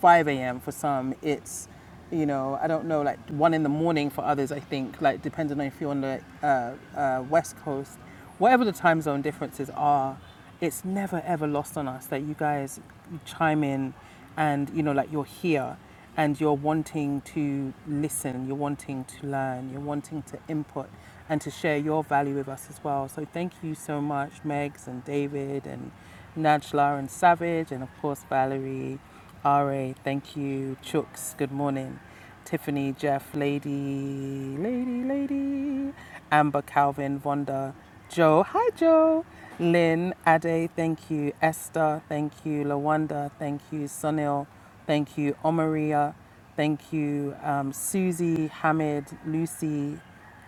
5 a.m. For some, it's, you know, I don't know, like one in the morning for others, I think, like depending on if you're on the uh, uh, West Coast, whatever the time zone differences are, it's never ever lost on us that you guys chime in and, you know, like you're here and you're wanting to listen, you're wanting to learn, you're wanting to input and to share your value with us as well. So thank you so much, Megs and David and Najla and Savage and of course Valerie. RA, thank you. Chooks, good morning. Tiffany, Jeff, Lady, Lady, Lady, Amber, Calvin, Vonda, Joe, hi Joe, Lynn, Ade, thank you. Esther, thank you. Lawanda, thank you. Sunil, thank you. Omaria, thank you. Um, Susie, Hamid, Lucy,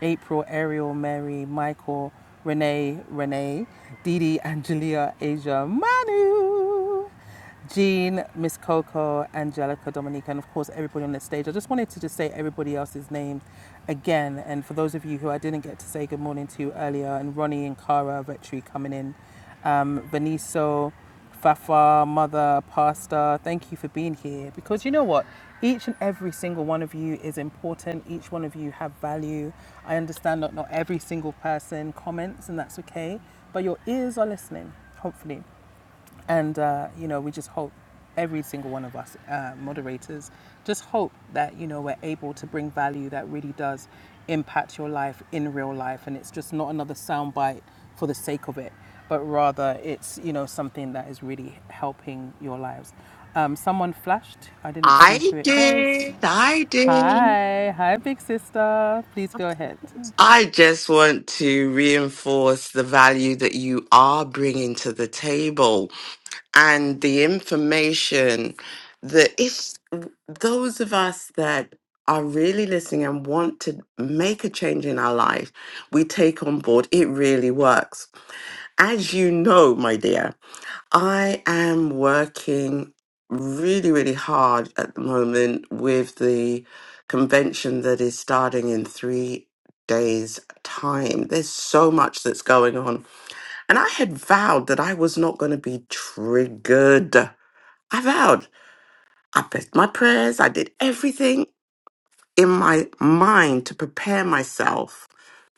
April, Ariel, Mary, Michael, Renee, Renee, Didi, Angelia, Asia, Manu. Jean, Miss Coco, Angelica, Dominica, and of course everybody on the stage. I just wanted to just say everybody else's names again. And for those of you who I didn't get to say good morning to earlier, and Ronnie and Cara, Vetri coming in, um, Veniso, Fafa, Mother, Pastor, thank you for being here. Because you know what? Each and every single one of you is important. Each one of you have value. I understand that not every single person comments, and that's okay. But your ears are listening, hopefully. And, uh, you know, we just hope every single one of us uh, moderators just hope that, you know, we're able to bring value that really does impact your life in real life. And it's just not another soundbite for the sake of it, but rather it's, you know, something that is really helping your lives. Um, someone flashed. I didn't see
I
who it was.
did. I did.
Hi. Hi, big sister. Please go ahead.
I just want to reinforce the value that you are bringing to the table and the information that if those of us that are really listening and want to make a change in our life, we take on board. It really works. As you know, my dear, I am working really, really hard at the moment with the convention that is starting in three days' time. There's so much that's going on. And I had vowed that I was not going to be triggered. I vowed. I pressed my prayers. I did everything in my mind to prepare myself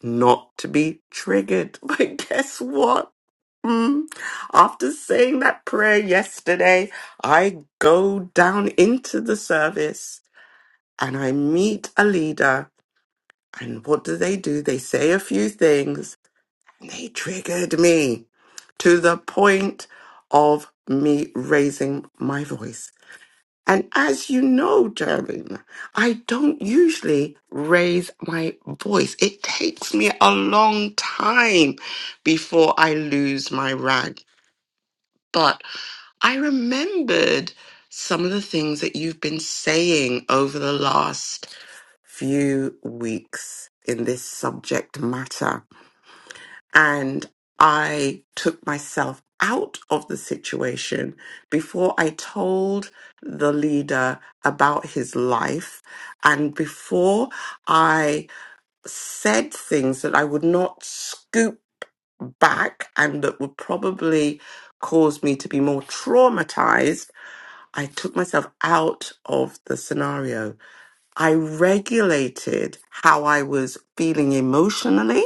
not to be triggered. But guess what? Mm, After saying that prayer yesterday, I go down into the service and I meet a leader. And what do they do? They say a few things and they triggered me to the point of me raising my voice. And as you know, Dervin, I don't usually raise my voice. It takes me a long time before I lose my rag. But I remembered some of the things that you've been saying over the last few weeks in this subject matter and I took myself out of the situation before I told the leader about his life and before I said things that I would not scoop back and that would probably cause me to be more traumatized. I took myself out of the scenario. I regulated how I was feeling emotionally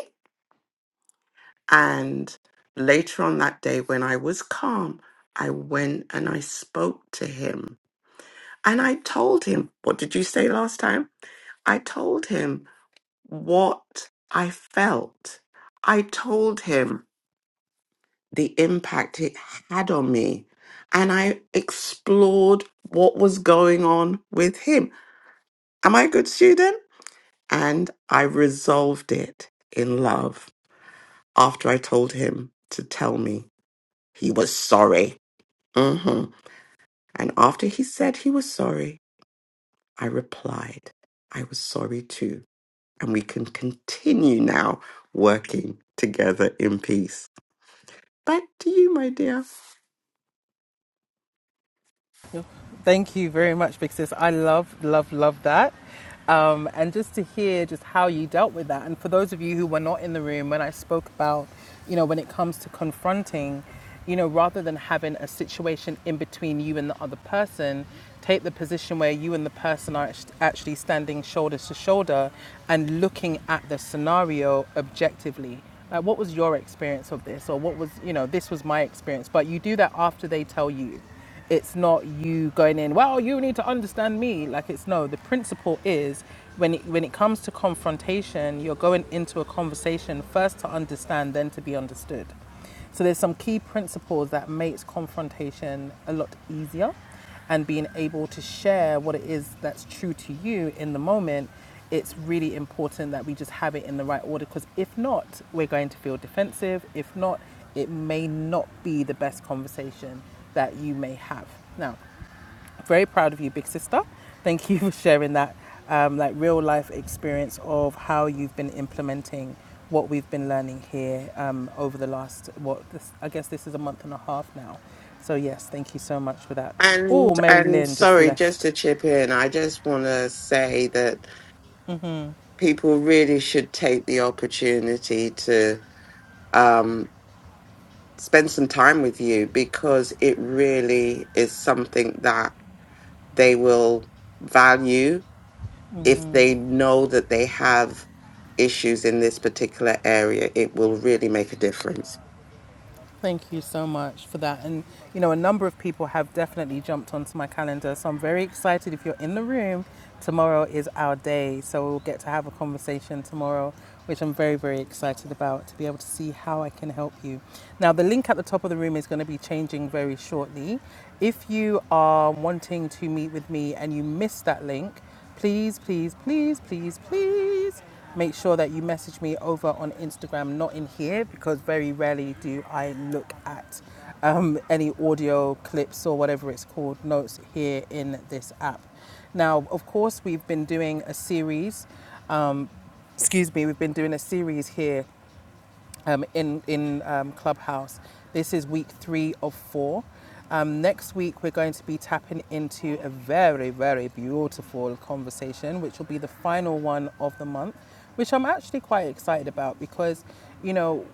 and later on that day, when I was calm, I went and I spoke to him. And I told him, What did you say last time? I told him what I felt. I told him the impact it had on me. And I explored what was going on with him. Am I a good student? And I resolved it in love after I told him to tell me he was sorry. hmm And after he said he was sorry, I replied, I was sorry too. And we can continue now working together in peace. Back to you, my dear.
Thank you very much, Big Sis. I love, love, love that. Um, and just to hear just how you dealt with that. And for those of you who were not in the room when I spoke about, you know, when it comes to confronting, you know, rather than having a situation in between you and the other person, take the position where you and the person are actually standing shoulder to shoulder and looking at the scenario objectively. Like, what was your experience of this? Or what was, you know, this was my experience. But you do that after they tell you. It's not you going in, well, you need to understand me. Like it's no, the principle is when it, when it comes to confrontation, you're going into a conversation first to understand, then to be understood. So there's some key principles that makes confrontation a lot easier and being able to share what it is that's true to you in the moment, it's really important that we just have it in the right order because if not, we're going to feel defensive. If not, it may not be the best conversation that you may have. Now, very proud of you, big sister. Thank you for sharing that um, like real life experience of how you've been implementing what we've been learning here um, over the last what this, I guess this is a month and a half now. So yes, thank you so much for that. Oh,
And
Mary
and
Lynn just
sorry, just
left.
to chip in, I just want to say that people really should take the opportunity to um, spend some time with you because it really is something that they will value if they know that they have issues in this particular area, it will really make a difference.
Thank you so much for that. And you know, a number of people have definitely jumped onto my calendar, so I'm very excited. If you're in the room, tomorrow is our day, so we'll get to have a conversation tomorrow, which I'm very, very excited about to be able to see how I can help you. Now, the link at the top of the room is going to be changing very shortly. If you are wanting to meet with me and you missed that link, please, please, please, please, please make sure that you message me over on Instagram, not in here, because very rarely do I look at um, any audio clips or whatever it's called, notes here in this app. Now, of course, we've been doing a series. Um, excuse me, we've been doing a series here um, in in um, Clubhouse. This is week three of four. Um, next week we're going to be tapping into a very very beautiful conversation, which will be the final one of the month, which I'm actually quite excited about because, you know,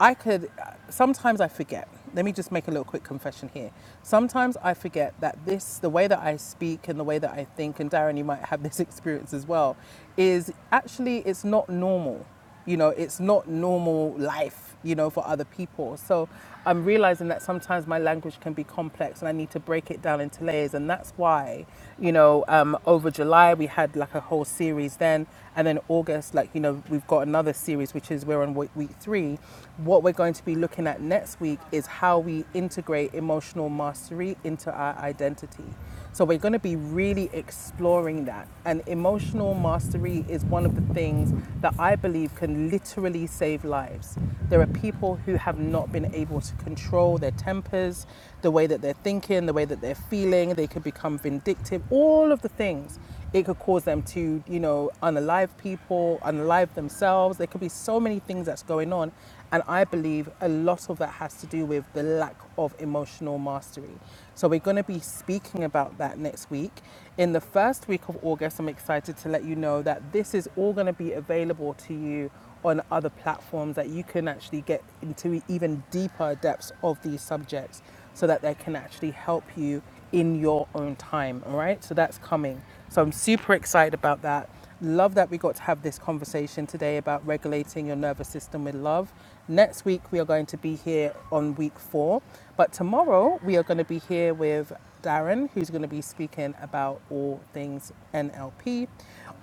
I could sometimes I forget. Let me just make a little quick confession here. Sometimes I forget that this, the way that I speak and the way that I think, and Darren, you might have this experience as well, is actually it's not normal. You know, it's not normal life, you know, for other people. So I'm realizing that sometimes my language can be complex and I need to break it down into layers. And that's why, you know, um, over July we had like a whole series then. And then August, like, you know, we've got another series, which is we're on week week three. What we're going to be looking at next week is how we integrate emotional mastery into our identity. So we're going to be really exploring that. And emotional mastery is one of the things that I believe believe can literally save lives. There are people who have not been able to control their tempers, the way that they're thinking, the way that they're feeling. They could become vindictive, all of the things. It could cause them to, you know, unalive people, unalive themselves. There could be so many things that's going on. And I believe a lot of that has to do with the lack of emotional mastery. So we're going to be speaking about that next week in the first week of August, I'm excited to let you know that this is all going to be available to you on other platforms that you can actually get into even deeper depths of these subjects so that they can actually help you in your own time. All right, so that's coming. So I'm super excited about that. Love that we got to have this conversation today about regulating your nervous system with love. Next week, we are going to be here on week four, but tomorrow, we are going to be here with Darren, who's going to be speaking about all things NLP.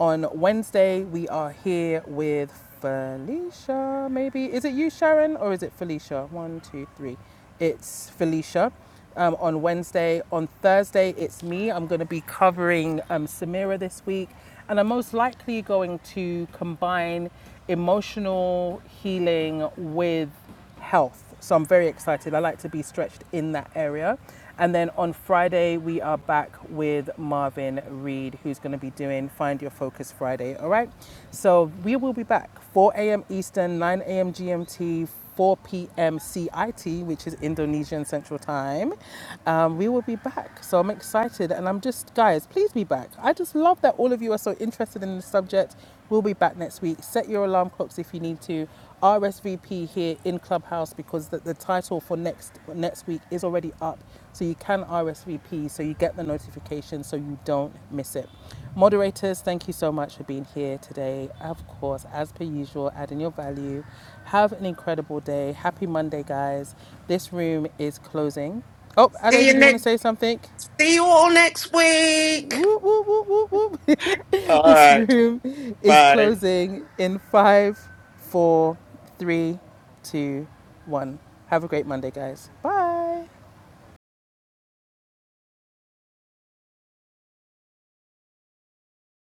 On Wednesday, we are here with Felicia, maybe. Is it you, Sharon, or is it Felicia? One, two, three it's Felicia. Um, on Wednesday, on Thursday, it's me. I'm going to be covering um, Samira this week, and I'm most likely going to combine emotional healing with health. So I'm very excited. I like to be stretched in that area. And then on Friday, we are back with Marvin Reed, who's going to be doing Find Your Focus Friday. All right. So we will be back 4 a.m. Eastern, 9 a.m. GMT, 4 p.m. CIT, which is Indonesian Central Time. Um, we will be back. So I'm excited. And I'm just, guys, please be back. I just love that all of you are so interested in the subject. We'll be back next week. Set your alarm clocks if you need to. RSVP here in Clubhouse because the, the title for next next week is already up. So you can RSVP so you get the notification so you don't miss it. Moderators, thank you so much for being here today. Of course, as per usual, adding your value. Have an incredible day. Happy Monday, guys. This room is closing. Oh, Ade,
See you
did you want to
next.
say something?
See you all next week.
Whoop, whoop, whoop, whoop,
All
whoop. this
right.
room is
Bye.
closing in five, four, three, two, one. Have a great Monday, guys. Bye.